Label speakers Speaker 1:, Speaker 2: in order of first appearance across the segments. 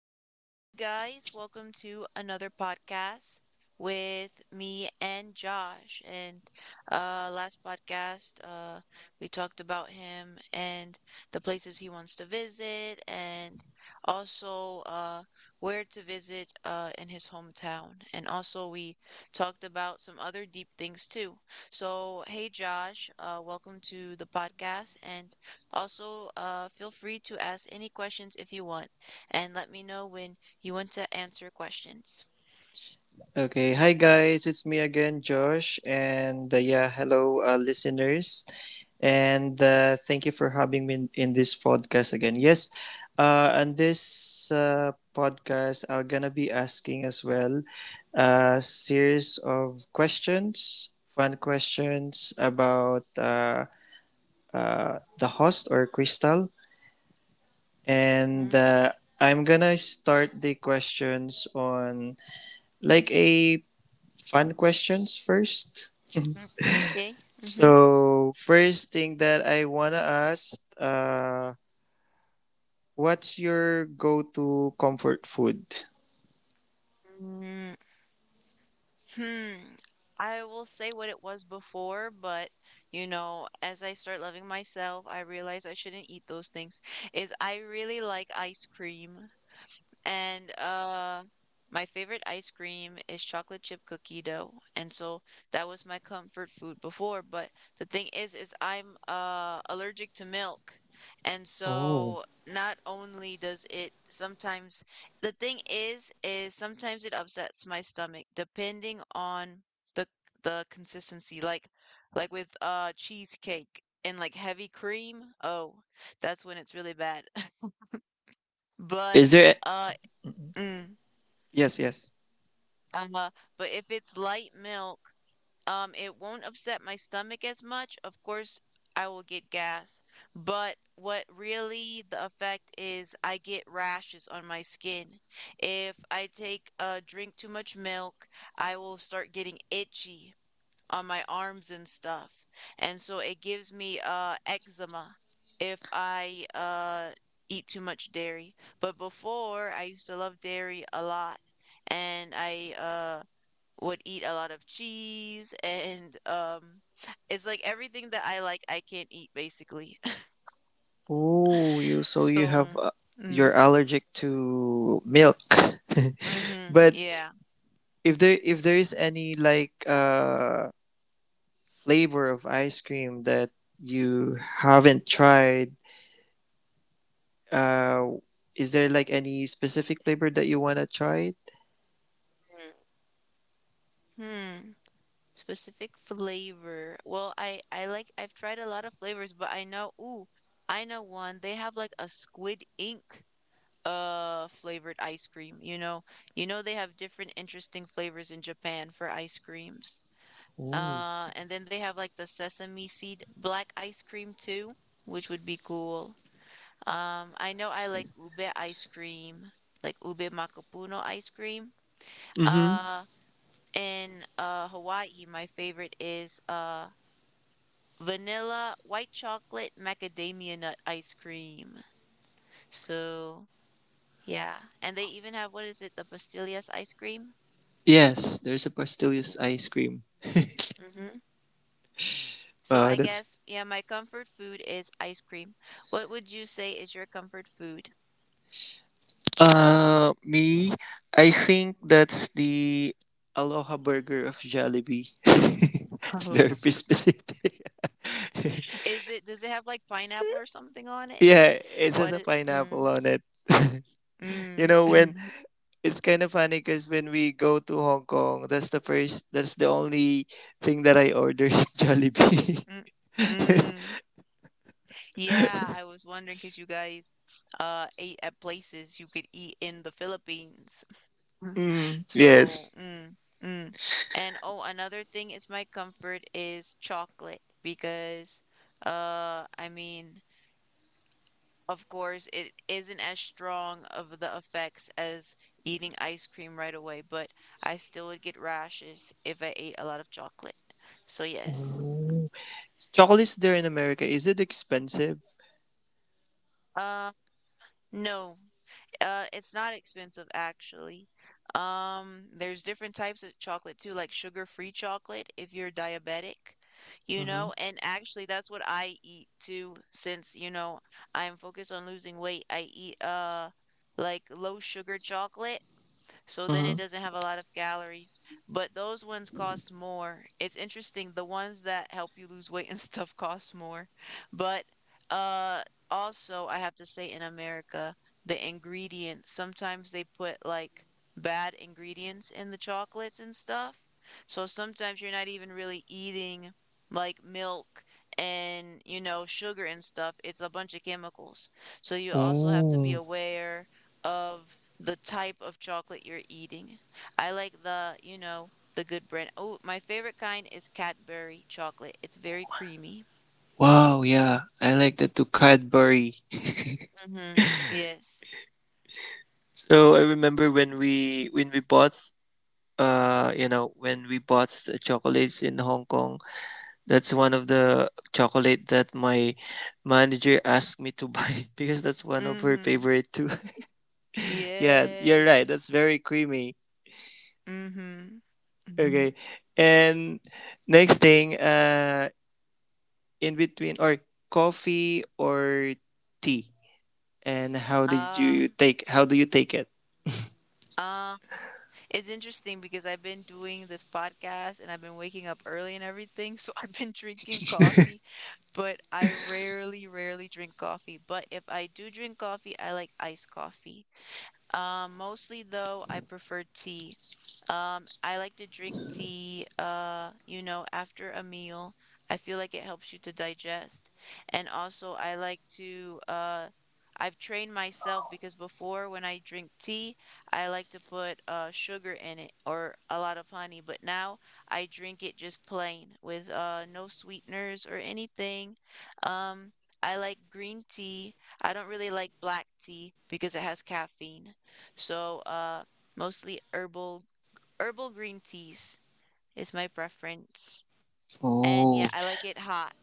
Speaker 1: Okay, hey guys, welcome to another podcast with me and Josh. And last podcast, we talked about him and the places he wants to visit, and also where to visit in his hometown. And also we talked about some other deep things too. So, hey Josh, welcome to the podcast, and also feel free to ask any questions if you want, and let me know when you want to answer questions.
Speaker 2: Okay, hi guys, it's me again, Josh, and yeah, hello, listeners, and thank you for having me in this podcast again. Yes, on this podcast, I'm gonna be asking as well a series of questions, fun questions about the host or Crystal, and
Speaker 1: Mhm.
Speaker 2: I'm gonna start the questions on like a fun questions first.
Speaker 1: Okay. Mhm.
Speaker 2: So, first thing that I want to ask, what's your go to comfort food?
Speaker 1: Mm, Hmm. I will say what it was before, but you know, as I start loving myself, I realize I shouldn't eat those things. Is I really like ice cream. And, uh, my favorite ice cream is chocolate chip cookie dough. And so that was my comfort food before, but the thing is I'm allergic to milk. And
Speaker 2: Oh.
Speaker 1: so not only does it sometimes the thing is sometimes it upsets my stomach depending on the the consistency, like with cheesecake and like heavy cream. Oh, that's when it's really bad.
Speaker 2: Oh,
Speaker 1: But
Speaker 2: is there?
Speaker 1: uh
Speaker 2: Mhm.
Speaker 1: mm.
Speaker 2: Yes, yes.
Speaker 1: Uh, but if it's light milk, it won't upset my stomach as much. Of course, I will get gas, but what really the effect is, I get rashes on my skin. If I take drink too much milk, I will start getting itchy on my arms and stuff. And so it gives me eczema if I eat too much dairy. But before, I used to love dairy a lot, and I would eat a lot of cheese, and it's like everything that I like I can't eat basically.
Speaker 2: Oh, you. So, you have.
Speaker 1: So mm,
Speaker 2: You're allergic to milk.
Speaker 1: mm-hmm,
Speaker 2: But
Speaker 1: yeah.
Speaker 2: if there is any like flavor of ice cream that you haven't tried, uh is there like any specific flavor that you want to try?
Speaker 1: Mm. Hmm. Specific flavor. Well, I've tried a lot of flavors, but I know, ooh, I know one. They have like a squid ink flavored ice cream, you know. You know they have different interesting flavors in Japan for ice creams.
Speaker 2: Oh.
Speaker 1: And then they have like the sesame seed black ice cream too, which would be cool. I know I like ube ice cream, like ube macapuno ice cream.
Speaker 2: Mm-hmm.
Speaker 1: Uh, in Hawaii, my favorite is vanilla white chocolate macadamia nut ice cream. So yeah, and they even have, what is it, the pastillas ice cream?
Speaker 2: Yes, there's a Pastelius ice cream.
Speaker 1: Mm-hmm. So I
Speaker 2: That's
Speaker 1: guess yeah, my comfort food is ice cream. What would you say is your comfort food?
Speaker 2: Me. I think that's the Aloha Burger of Jollibee. It's very
Speaker 1: Lobster.
Speaker 2: specific.
Speaker 1: Is it, does it have, like, pineapple or something on it?
Speaker 2: Yeah, it has
Speaker 1: What
Speaker 2: a
Speaker 1: it mm,
Speaker 2: pineapple on it.
Speaker 1: mm,
Speaker 2: You know, when, it's kind of funny, because when we go to Hong Kong, that's the only thing that I order, Jollibee.
Speaker 1: mm, mm. Yeah, I was wondering because you guys, ate at places you could eat in the Philippines.
Speaker 2: Mm,
Speaker 1: So,
Speaker 2: yes.
Speaker 1: mm, mm. And, oh, another thing is my comfort is chocolate because, I mean, of course, it isn't as strong of the effects as eating ice cream right away, but I still would get rashes if I ate a lot of chocolate. So yes.
Speaker 2: Oh. Chocolate there in America, is it expensive?
Speaker 1: Uh, no. It's not expensive actually. There's different types of chocolate too, like sugar-free chocolate if you're diabetic, you
Speaker 2: Mhm.
Speaker 1: know, and actually that's what I eat too, since, you know, I'm focused on losing weight. I eat like low sugar chocolate so then it
Speaker 2: Mhm.
Speaker 1: doesn't have a lot of calories. But those ones cost more. It's interesting, the ones that help you lose weight and stuff cost more. But uh also I have to say in America, the ingredients, sometimes they put like bad ingredients in the chocolates and stuff. So sometimes you're not even really eating like milk and, you know, sugar and stuff. It's a bunch of chemicals. So you also have to be
Speaker 2: Oh,
Speaker 1: aware of the type of chocolate you're eating. I like the, you know, the good brand. Oh, my favorite kind is Cadbury chocolate. It's very creamy.
Speaker 2: wow, yeah. I like the to Cadbury.
Speaker 1: Mm-hmm. Yes.
Speaker 2: So I remember when we bought, you know, when we bought the chocolates in Hong Kong, that's one of the chocolate that my manager asked me to buy because that's one of her
Speaker 1: Mm-hmm.
Speaker 2: favorite too. Yeah, you're right. That's
Speaker 1: Yes.
Speaker 2: very creamy.
Speaker 1: Mm-hmm. Mm-hmm.
Speaker 2: Okay. And next thing, in between, or coffee or tea. And
Speaker 1: Ah,
Speaker 2: how do you take it?
Speaker 1: uh, it's interesting because I've been doing this podcast and I've been waking up early and everything, so I've been drinking coffee, but I rarely, rarely drink coffee. But if I do drink coffee, I like iced coffee. Mostly though, I prefer tea. I like to drink tea, you know, after a meal. I feel like it helps you to digest. And also, I like to, I've trained myself, because before when I drink tea, I like to put sugar in it or a lot of honey, but now I drink it just plain with no sweeteners or anything. Um, I like green tea. I don't really like black tea because it has caffeine. So, mostly herbal green teas is my preference. And
Speaker 2: Oh,
Speaker 1: yeah, I like it hot.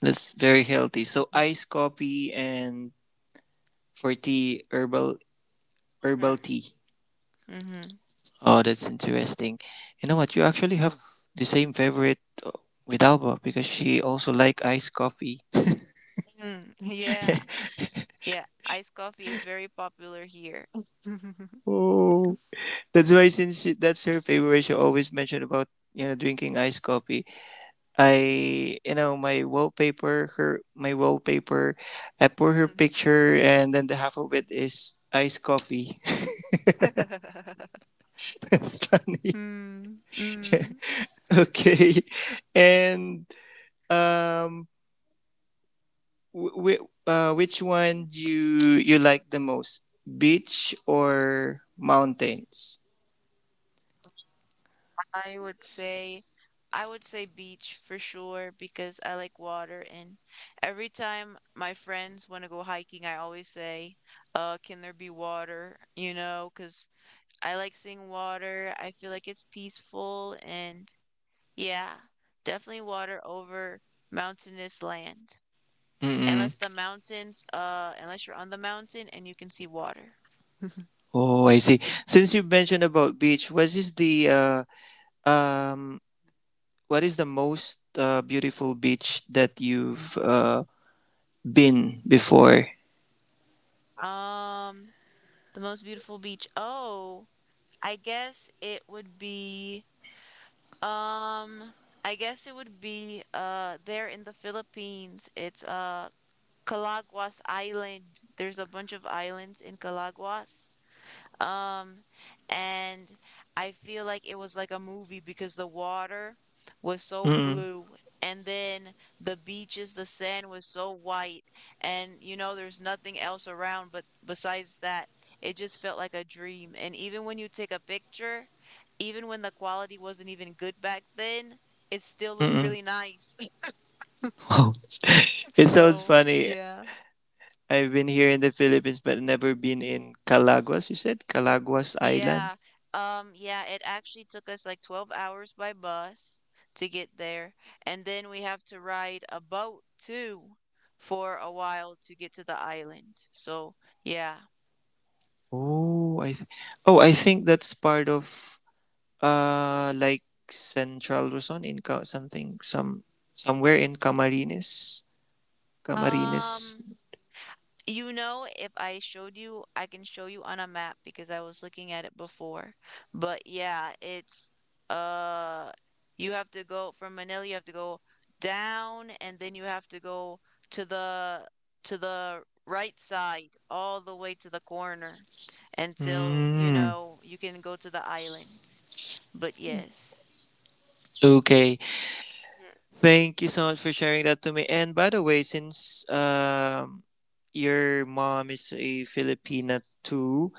Speaker 2: that's very healthy. So
Speaker 1: Mhm.
Speaker 2: iced coffee, and for tea, herbal tea.
Speaker 1: Mhm. Mhm.
Speaker 2: Oh, that's interesting. You know what? You actually have the same favorite, uh, with Alba, because she also like iced coffee.
Speaker 1: Yeah. Yeah, iced coffee is very popular here.
Speaker 2: Oh, that's why, since she, that's her favorite, she always mentioned about, you know, drinking iced coffee. I you know my wallpaper, her My wallpaper, I put her picture, and then the half of it is iced coffee.
Speaker 1: Mm.
Speaker 2: That's funny.
Speaker 1: Mm. mm.
Speaker 2: Okay. And um, which one do you like the most? Beach or mountains?
Speaker 1: I would say, beach for sure because I like water, and every time my friends want to go hiking, I always say, can there be water? You know, because I like seeing water. I feel like it's peaceful and yeah, definitely water over mountainous land.
Speaker 2: Mm-mm.
Speaker 1: Unless the mountains, unless you're on the mountain and you can see water.
Speaker 2: Oh, I see. Since you mentioned about beach, um what is the most beautiful beach that you've been before?
Speaker 1: Um, the most beautiful beach. Oh, I guess it would be um there in the Philippines. It's Calaguas Island. There's a bunch of islands in Calaguas. Um, and I feel like it was like a movie because the water was so
Speaker 2: Mm-mm.
Speaker 1: blue, and then the beaches, the sand was so white, and you know there's nothing else around but besides that. It just felt like a dream. And even when you take a picture, even when the quality wasn't even good back then, it still looked
Speaker 2: Mm-mm.
Speaker 1: really nice.
Speaker 2: Wow. It sounds
Speaker 1: So,
Speaker 2: funny.
Speaker 1: yeah.
Speaker 2: I've been here in the Philippines but never been in Calaguas. You said Calaguas Island?
Speaker 1: Yeah. Yeah, it actually took us like 12 hours by bus to get there. And then we have to ride a boat too for a while to get to the island. So, yeah.
Speaker 2: Oh, I th- oh, I think that's part of like Central Luzon in Ca- something some somewhere in Camarines, Camarines.
Speaker 1: Um, you know, if I showed you, I can show you on a map because I was looking at it before. But yeah, it's uh you have to go from Manila, you have to go down and then you have to go to the to the right side all the way to the corner until, you
Speaker 2: Mm,
Speaker 1: know, you can go to the islands. But yes.
Speaker 2: okay. Thank you so much for sharing that to me. And by the way, since your mom is a Filipina too,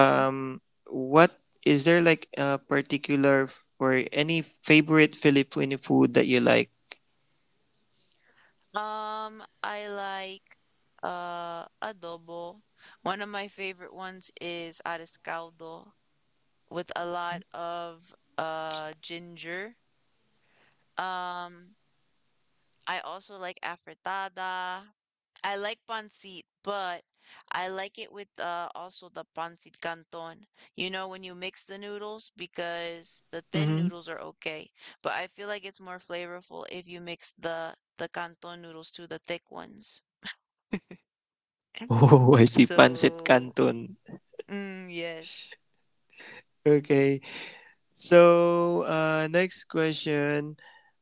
Speaker 1: Mm-hmm.
Speaker 2: what, is there like a particular or any favorite Filipino food that you like?
Speaker 1: I like adobo. One of my favorite ones is ares caldo with a lot of ginger. Um, I also like afritada. I like pancit, but I like it with also the pancit canton. You know, when you mix the noodles, because the thin noodles are okay, but I feel like it's more flavorful if you mix the canton noodles to the thick ones.
Speaker 2: Oh, I see, pancit
Speaker 1: So,
Speaker 2: canton.
Speaker 1: yes.
Speaker 2: Okay. So, next question.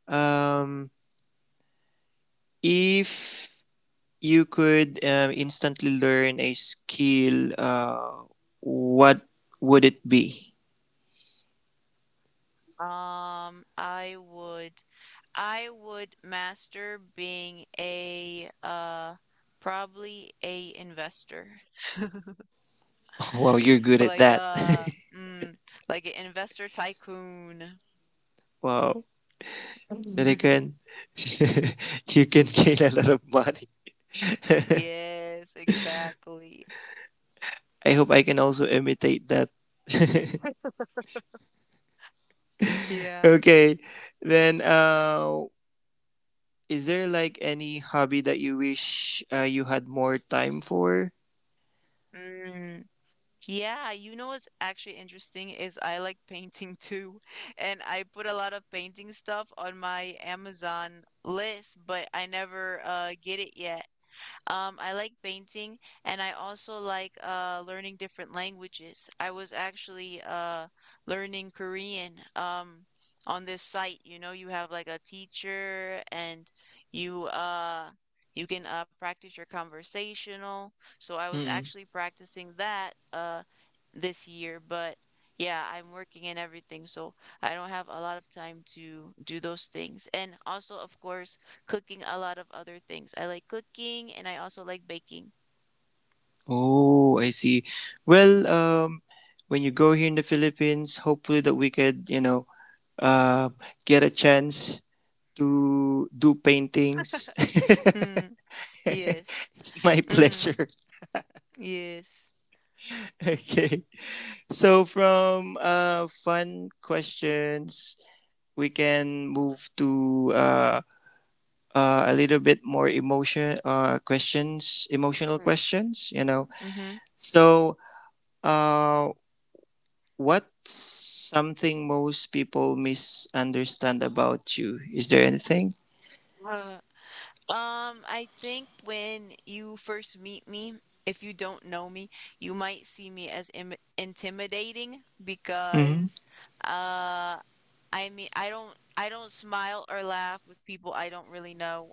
Speaker 2: Um, if you could, instantly learn a skill, what would it be?
Speaker 1: Um, I would I would master being a probably a investor.
Speaker 2: Wow, you're good at
Speaker 1: Like
Speaker 2: that.
Speaker 1: uh mm, like an investor tycoon.
Speaker 2: Wow. So they can, you can gain a lot of money.
Speaker 1: Yes, exactly.
Speaker 2: I hope I can also imitate that.
Speaker 1: Yeah.
Speaker 2: Okay. Then, is there like any hobby that you wish you had more time for?
Speaker 1: Mm. Yeah, you know what's actually interesting is I like painting too. And I put a lot of painting stuff on my Amazon list, but I never get it yet. I like painting and I also like learning different languages. I was actually learning Korean, on this site. You know, you have like a teacher and you uh you can practice your conversational. So I was
Speaker 2: Mm-mm.
Speaker 1: actually practicing that this year, but yeah, I'm working and everything, so I don't have a lot of time to do those things. And also, of course, cooking a lot of other things. I like cooking and I also like baking.
Speaker 2: Oh, I see. Well, when you go here in the Philippines, hopefully that we could, you know, uh, get a chance to do paintings.
Speaker 1: Mm, yes.
Speaker 2: It's my
Speaker 1: Mm,
Speaker 2: pleasure.
Speaker 1: yes.
Speaker 2: Okay. So from, fun questions, we can move to a little bit more emotional questions, you know.
Speaker 1: Mm-hmm.
Speaker 2: So, uh, what's something most people misunderstand about you? Is there anything?
Speaker 1: Uh, I think when you first meet me, if you don't know me, you might see me as im intimidating,
Speaker 2: Mm-hmm.
Speaker 1: because uh I mean, I don't smile or laugh with people I don't really know.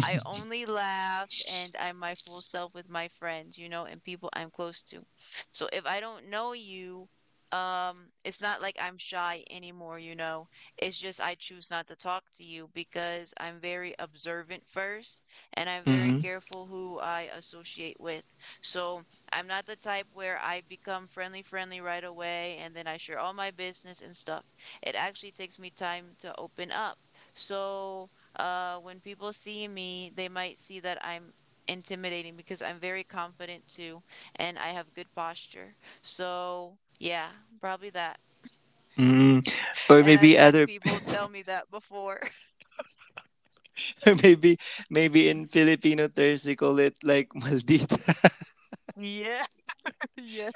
Speaker 1: I only laugh and I'm my full self with my friends, you know, and people I'm close to. So if I don't know you, it's not like I'm shy anymore, you know. It's just I choose not to talk to you because I'm very observant first, and I'm very
Speaker 2: Mm-hmm.
Speaker 1: careful who I associate with. So I'm not the type where I become friendly, friendly right away and then I share all my business and stuff. It actually takes me time to open up. So when people see me, they might see that I'm intimidating because I'm very confident too, and I have good posture. So, yeah, probably that.
Speaker 2: Mm. Or
Speaker 1: And I've
Speaker 2: maybe
Speaker 1: had
Speaker 2: other,
Speaker 1: people tell me that before.
Speaker 2: or maybe maybe in Filipino terms they call it like maldita.
Speaker 1: Yeah, yes.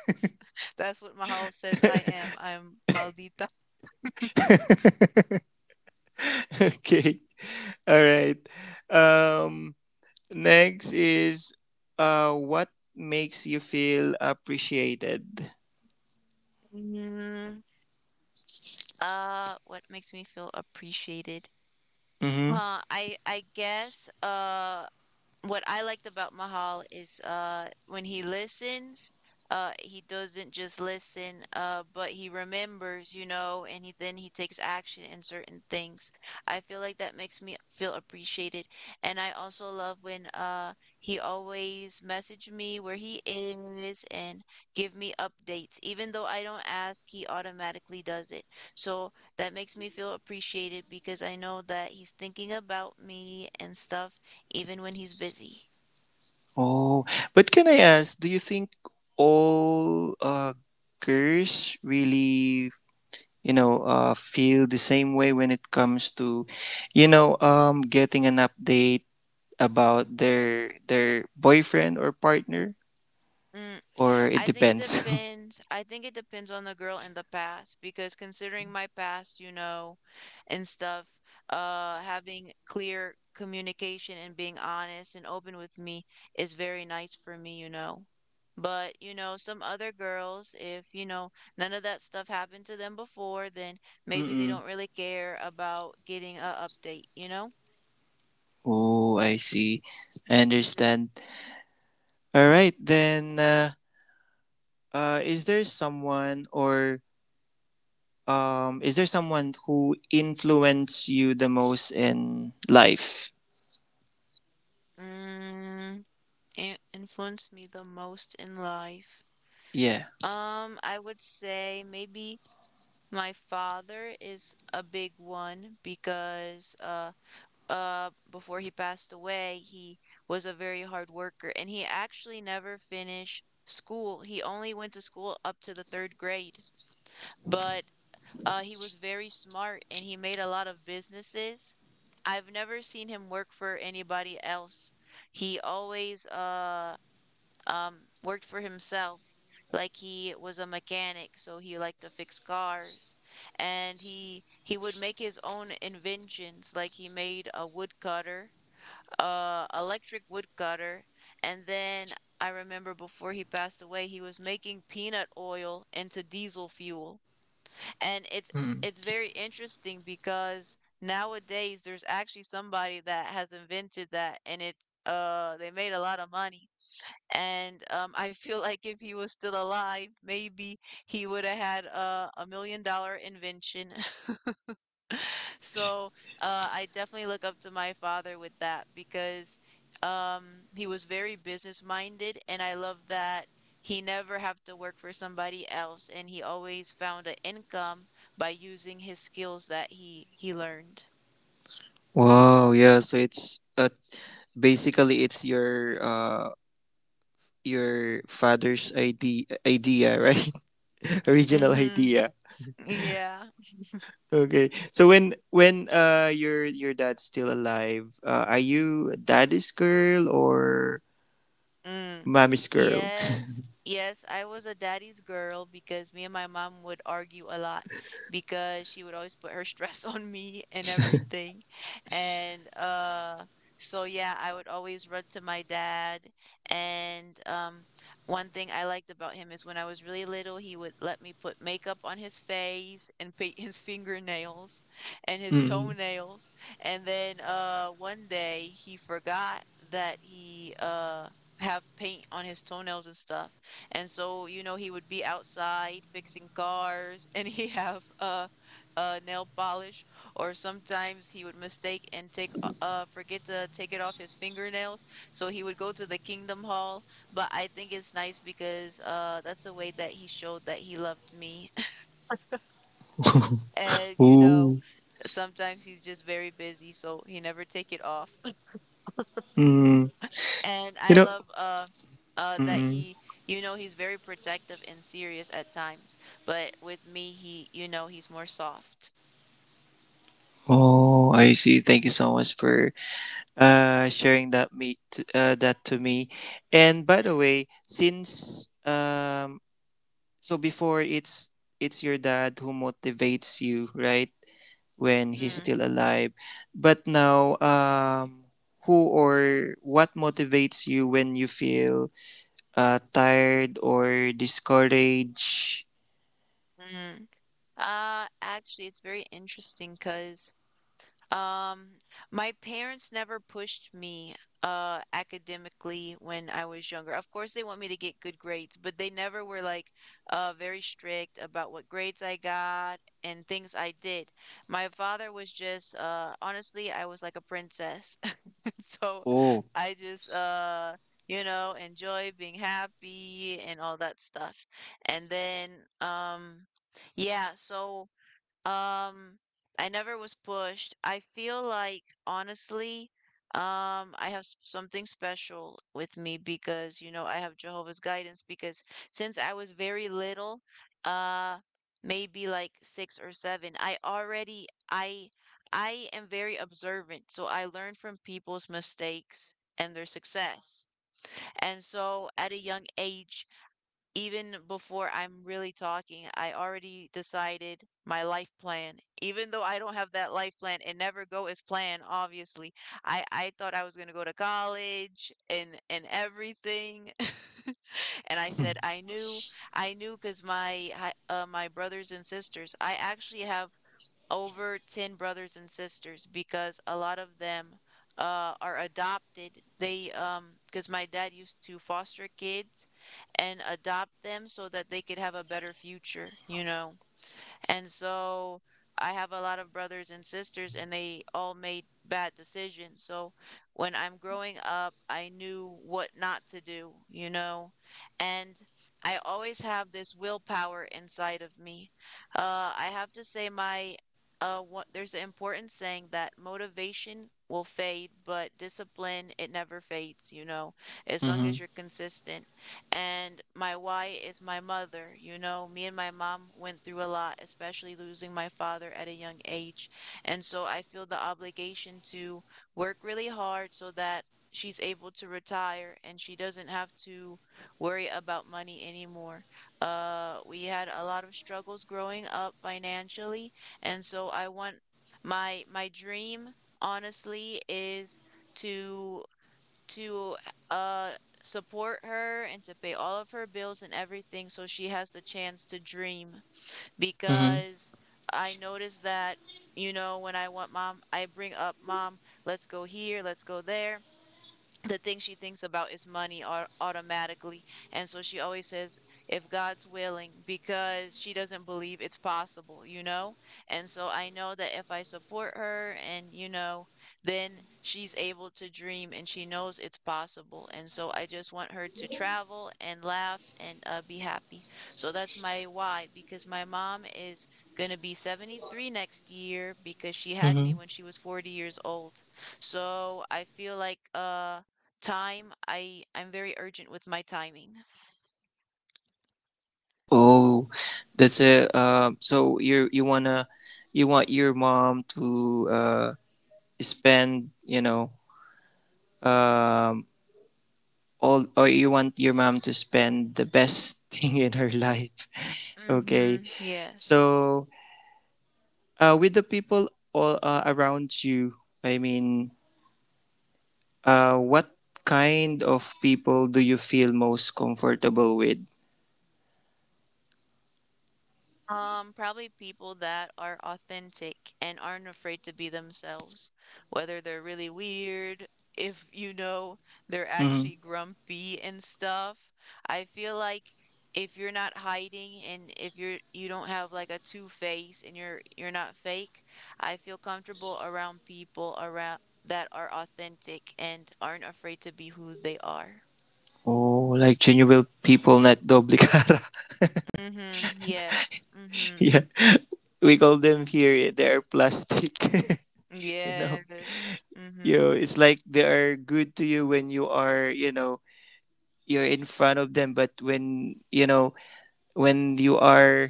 Speaker 1: That's what Mahal says I am. I'm maldita.
Speaker 2: Okay, all right. Um, Next is, what makes you feel appreciated?
Speaker 1: Mm, what makes me feel appreciated?
Speaker 2: Hmm.
Speaker 1: Huh, I I guess uh What I liked about Mahal is when he listens, he doesn't just listen, but he remembers, you know, and he takes action in certain things. I feel like that makes me feel appreciated. And I also love when he always message me where he is and give me updates. Even though I don't ask, he automatically does it. So that makes me feel appreciated because I know that he's thinking about me and stuff even when he's busy?
Speaker 2: Oh, but can I ask, do you think all girls really, you know, feel the same way when it comes to, you know, getting an update about their boyfriend or partner,
Speaker 1: Mm,
Speaker 2: or it
Speaker 1: I think it
Speaker 2: depends?
Speaker 1: depends. I think it depends on the girl and the past because considering my past, you know, and stuff, having clear communication and being honest and open with me is very nice for me, you know. But, you know, some other girls, if, you know, none of that stuff happened to them before, then maybe they
Speaker 2: Mm-mm.
Speaker 1: don't really care about getting a update, you know?
Speaker 2: Oh, I see. I
Speaker 1: hmm
Speaker 2: understand. All right, then, is there someone, or is there someone who influenced you the most in life?
Speaker 1: Mm. Influenced me the most in life?
Speaker 2: Yeah.
Speaker 1: I would say maybe my father is a big one because before he passed away, he was a very hard worker and he actually never finished school. He only went to school up to the third grade, but he was very smart and he made a lot of businesses. I've never seen him work for anybody else. He always um, worked for himself. Like he was a mechanic, so he liked to fix cars, and he would make his own inventions. Like he made a woodcutter, electric woodcutter, and then I remember before he passed away, he was making peanut oil into diesel fuel, and it's
Speaker 2: Mm.
Speaker 1: it's very interesting because nowadays there's actually somebody that has invented that, and it they made a lot of money. And I feel like if he was still alive, maybe he would have had a million dollar invention. So I definitely look up to my father with that because he was very business minded, and I love that he never have to work for somebody else, and he always found an income by using his skills that he learned.
Speaker 2: Wow. Yeah. So it's, basically it's your father's idea, right? Original
Speaker 1: Mm-hmm.
Speaker 2: idea.
Speaker 1: Yeah.
Speaker 2: Okay. So when your dad's still alive, are you daddy's girl or
Speaker 1: Mm.
Speaker 2: mommy's girl?
Speaker 1: Yes. Yes, I was a daddy's girl because me and my mom would argue a lot because she would always put her stress on me and everything. And so yeah, I would always run to my dad. And one thing I liked about him is when I was really little, he would let me put makeup on his face and paint his fingernails and his
Speaker 2: Mm.
Speaker 1: toenails. And then one day he forgot that he have paint on his toenails and stuff. And so, you know, he would be outside fixing cars and he have nail polish or sometimes he would mistake and take forget to take it off his fingernails. So he would go to the Kingdom Hall, but I think it's nice because that's a way that he showed that he loved me. And you know,
Speaker 2: Ooh.
Speaker 1: sometimes he's just very busy, so he never take it off.
Speaker 2: Mm.
Speaker 1: And
Speaker 2: You
Speaker 1: I
Speaker 2: know.
Speaker 1: love that
Speaker 2: Mm.
Speaker 1: he you know he's very protective and serious at times, but with me he you know he's more soft.
Speaker 2: Oh, I see. Thank you so much for sharing that me to, that to me. And by the
Speaker 1: Mm,
Speaker 2: way, since so before it's your dad who motivates you, right? When he's
Speaker 1: mm,
Speaker 2: still alive, but now, who or what motivates you when you feel tired or discouraged?
Speaker 1: mm. Actually it's very interesting because. Um, my parents never pushed me academically when I was younger. Of course, they want me to get good grades, but they never were like very strict about what grades I got and things I did. My father was just honestly, I was like a princess. So
Speaker 2: Oh.
Speaker 1: I just you know, enjoy being happy and all that stuff. And then um yeah, so um, I never was pushed. I feel like honestly, I have something special with me because, you know, I have Jehovah's guidance because since I was very little, uh, maybe like six or seven, I I am very observant, so I learn from people's mistakes and their success. And so at a young age, even before I'm really talking, I already decided my life plan. Even though I don't have that life plan, it never go as planned, obviously. I thought I was going to go to college and everything. And I said I knew because my my brothers and sisters, I actually have over 10 brothers and sisters because a lot of them are adopted. They, because my dad used to foster kids and adopt them so that they could have a better future, you know. And so I have a lot of brothers and sisters, and they all made bad decisions. So when I'm growing up, I knew what not to do, you know? And I always have this willpower inside of me. I have to say, there's an important saying that motivation will fade, but discipline, it never fades, you know, as long
Speaker 2: Mm-hmm.
Speaker 1: as you're consistent. And my why is my mother. You know, me and my mom went through a lot, especially losing my father at a young age. And so I feel the obligation to work really hard so that she's able to retire and she doesn't have to worry about money anymore. We had a lot of struggles growing up financially, and so I want my dream honestly is to to uh support her and to pay all of her bills and everything so she has the chance to dream
Speaker 2: Mm-hmm.
Speaker 1: because I noticed that you know when I want mom I bring up mom, let's go here, let's go there, the thing she thinks about is money automatically. And so she always says, if God's willing, because she doesn't believe it's possible, you know? And so I know that if I support her and, you know, then she's able to dream and she knows it's possible. And so I just want her to travel and laugh and be happy. So that's my why, because my mom is going to be 73 next year because she had
Speaker 2: Mm-hmm.
Speaker 1: me when she was 40 years old. So I feel like, time, I'm very urgent with my timing.
Speaker 2: Oh, that's a, so you want your mom to spend you know um all or you want your mom to spend the best thing in her life. Okay,
Speaker 1: Mhm. Yes.
Speaker 2: so with the people all around you, I mean, what kind of people do you feel most comfortable with?
Speaker 1: Probably people that are authentic and aren't afraid to be themselves, whether they're really weird, if you know they're
Speaker 2: Hmm.
Speaker 1: actually grumpy and stuff. I feel like if you're not hiding and if you don't have like a two face and you're not fake, I feel comfortable around people around that are authentic and aren't afraid to be who they are.
Speaker 2: Oh, like genuine people, not duplicate.
Speaker 1: Mhm. Yes. Mhm.
Speaker 2: Yeah. We call them here, they are plastic. You know,
Speaker 1: Yes.
Speaker 2: you
Speaker 1: Mhm.
Speaker 2: it's like they are good to you when you are, you know, you're in front of them, but when, you know, when you are,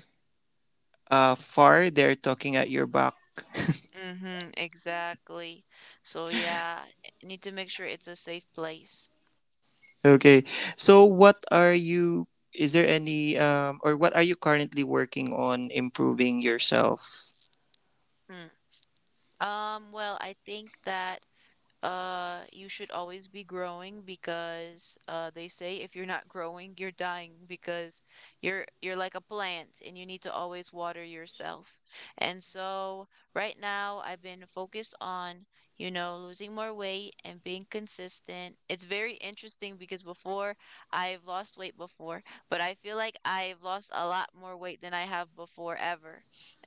Speaker 2: far, they're talking at your back.
Speaker 1: Mhm. Exactly. So yeah, need to make sure it's a safe place.
Speaker 2: Okay, so what are you, is there any, or what are you currently working on improving yourself?
Speaker 1: Mm. Well, I think that. You should always be growing because they say if you're not growing you're dying because you're like a plant and you need to always water yourself, and so right now I've been focused on you know losing more weight and being consistent. It's very interesting because before, I've lost weight before, but I feel like I've lost a lot more weight than I have before ever.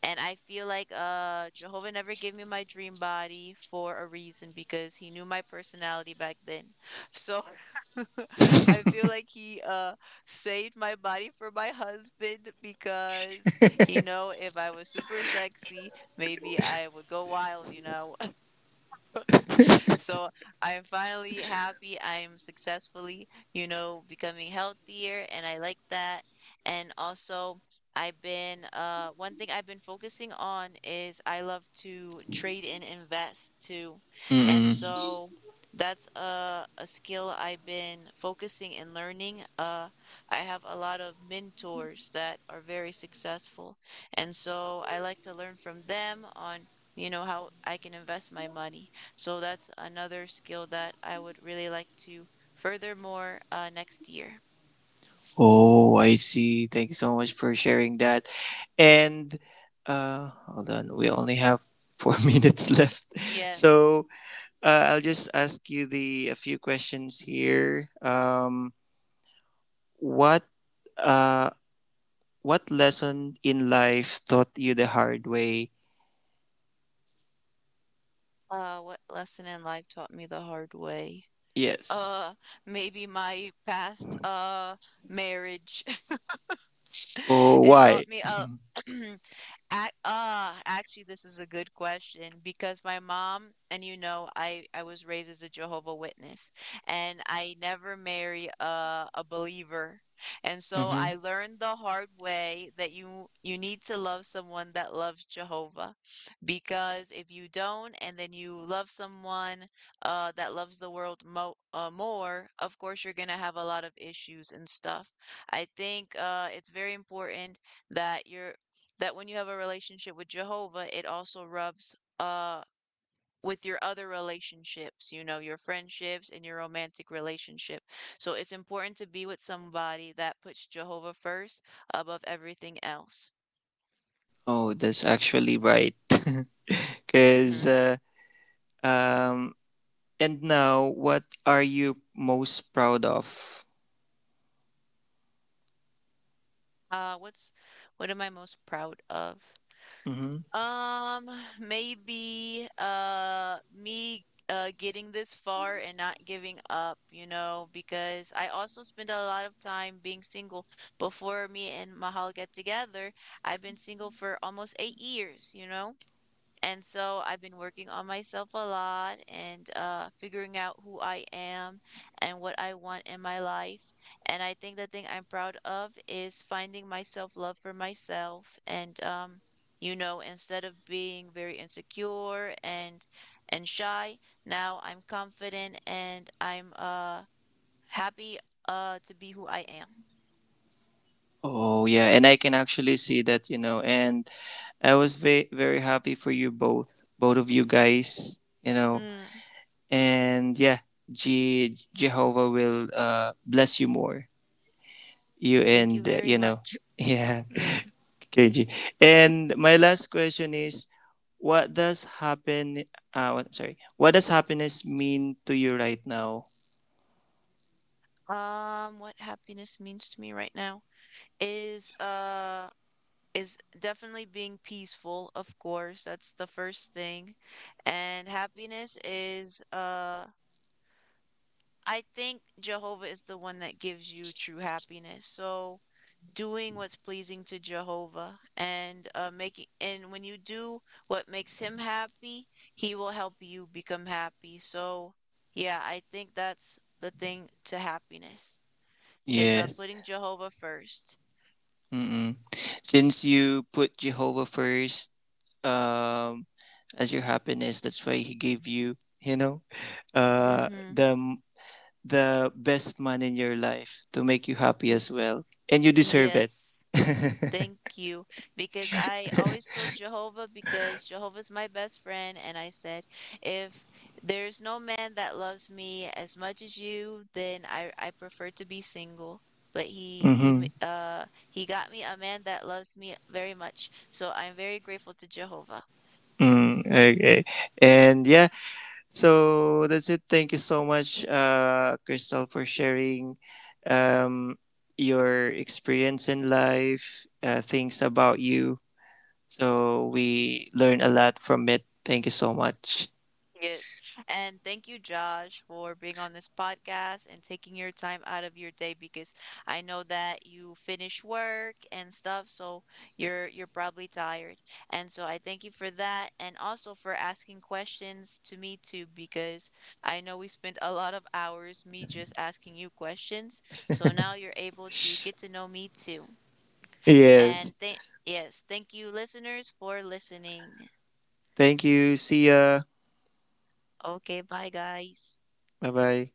Speaker 1: And I feel like Jehovah never gave me my dream body for a reason because he knew my personality back then. So I feel like he saved my body for my husband because he know if I was super sexy, maybe I would go wild, you know. So I'm finally happy. I'm successfully, you know, becoming healthier and I like that. And also I've been one thing I've been focusing on is I love to trade and invest too. And so that's a skill I've been focusing and learning. I have a lot of mentors that are very successful. And so I like to learn from them on, you know, how I can invest my money. So that's another skill that I would really like to further more, next year.
Speaker 2: Oh, I see. Thank you so much for sharing that. And hold on, we only have four minutes left,
Speaker 1: Yes.
Speaker 2: so I'll just ask you the a few questions here. What uh, what lesson in life taught you the hard way?
Speaker 1: What lesson in life taught me the hard way?
Speaker 2: Yes.
Speaker 1: Uh, maybe my past marriage.
Speaker 2: Oh,
Speaker 1: It
Speaker 2: why?
Speaker 1: taught me a actually, this is a good question because my mom and you know, I was raised as a Jehovah Witness, and I never marry a believer. And so
Speaker 2: Mm-hmm.
Speaker 1: I learned the hard way that you need to love someone that loves Jehovah, because if you don't, and then you love someone that loves the world mo more, of course you're gonna have a lot of issues and stuff. I think it's very important that you're that when you have a relationship with Jehovah, it also rubs with your other relationships, you know, your friendships and your romantic relationship. So it's important to be with somebody that puts Jehovah first above everything else.
Speaker 2: Oh, that's actually right. Because
Speaker 1: hmm
Speaker 2: um, and now, what are you most proud of?
Speaker 1: Uh, what's what am I most proud of? Um, maybe me getting this far and not giving up, you know, because I also spend a lot of time being single. Before me and Mahal get together, I've been single for almost 8 years, you know? And so I've been working on myself a lot and figuring out who I am and what I want in my life. And I think the thing I'm proud of is finding myself love for myself. And, you know, instead of being very insecure and shy, now I'm confident and I'm happy to be who I am.
Speaker 2: Oh yeah, and I can actually see that, you know, and I was very happy for you both, both of you guys, you know,
Speaker 1: Mm,
Speaker 2: and yeah, Jehovah will bless you more, you
Speaker 1: thank you
Speaker 2: and
Speaker 1: very
Speaker 2: you know,
Speaker 1: much.
Speaker 2: yeah,
Speaker 1: Mm.
Speaker 2: KG. And my last question is, what does happen? What, sorry, what does happiness mean to you right now?
Speaker 1: What happiness means to me right now is uh is definitely being peaceful, of course. That's the first thing. And happiness is I think Jehovah is the one that gives you true happiness. So doing what's pleasing to Jehovah and making and when you do what makes him happy, he will help you become happy. So yeah, I think that's the thing to happiness is
Speaker 2: Yes.
Speaker 1: putting Jehovah first.
Speaker 2: Mm-mm. Since you put Jehovah first, um, as your happiness, that's why He gave you, you know, uh,
Speaker 1: Mm-hmm.
Speaker 2: the the best man in your life to make you happy as well, and you deserve it.
Speaker 1: Yes.
Speaker 2: Mm-hmm.
Speaker 1: Thank you. Because I always told Jehovah, because Jehovah's my best friend. And I said, if there's no man that loves me as much as you, then I prefer to be single. But he got me a man that loves me very much. So I'm very grateful to Jehovah.
Speaker 2: Mm, okay, and yeah, so that's it. Thank you so much, Crystal, for sharing. Um, your experience in life, things about you. So we learn a lot from it. Thank you so much.
Speaker 1: Yes. And thank you, Josh, for being on this podcast and taking your time out of your day because I know that you finish work and stuff, so you're probably tired. And so I thank you for that and also for asking questions to me too because I know we spent a lot of hours me just asking you questions. So now you're able to get to know me too.
Speaker 2: Yes.
Speaker 1: Thank you listeners for listening.
Speaker 2: Thank you. See ya.
Speaker 1: Okay, bye guys.
Speaker 2: Bye bye.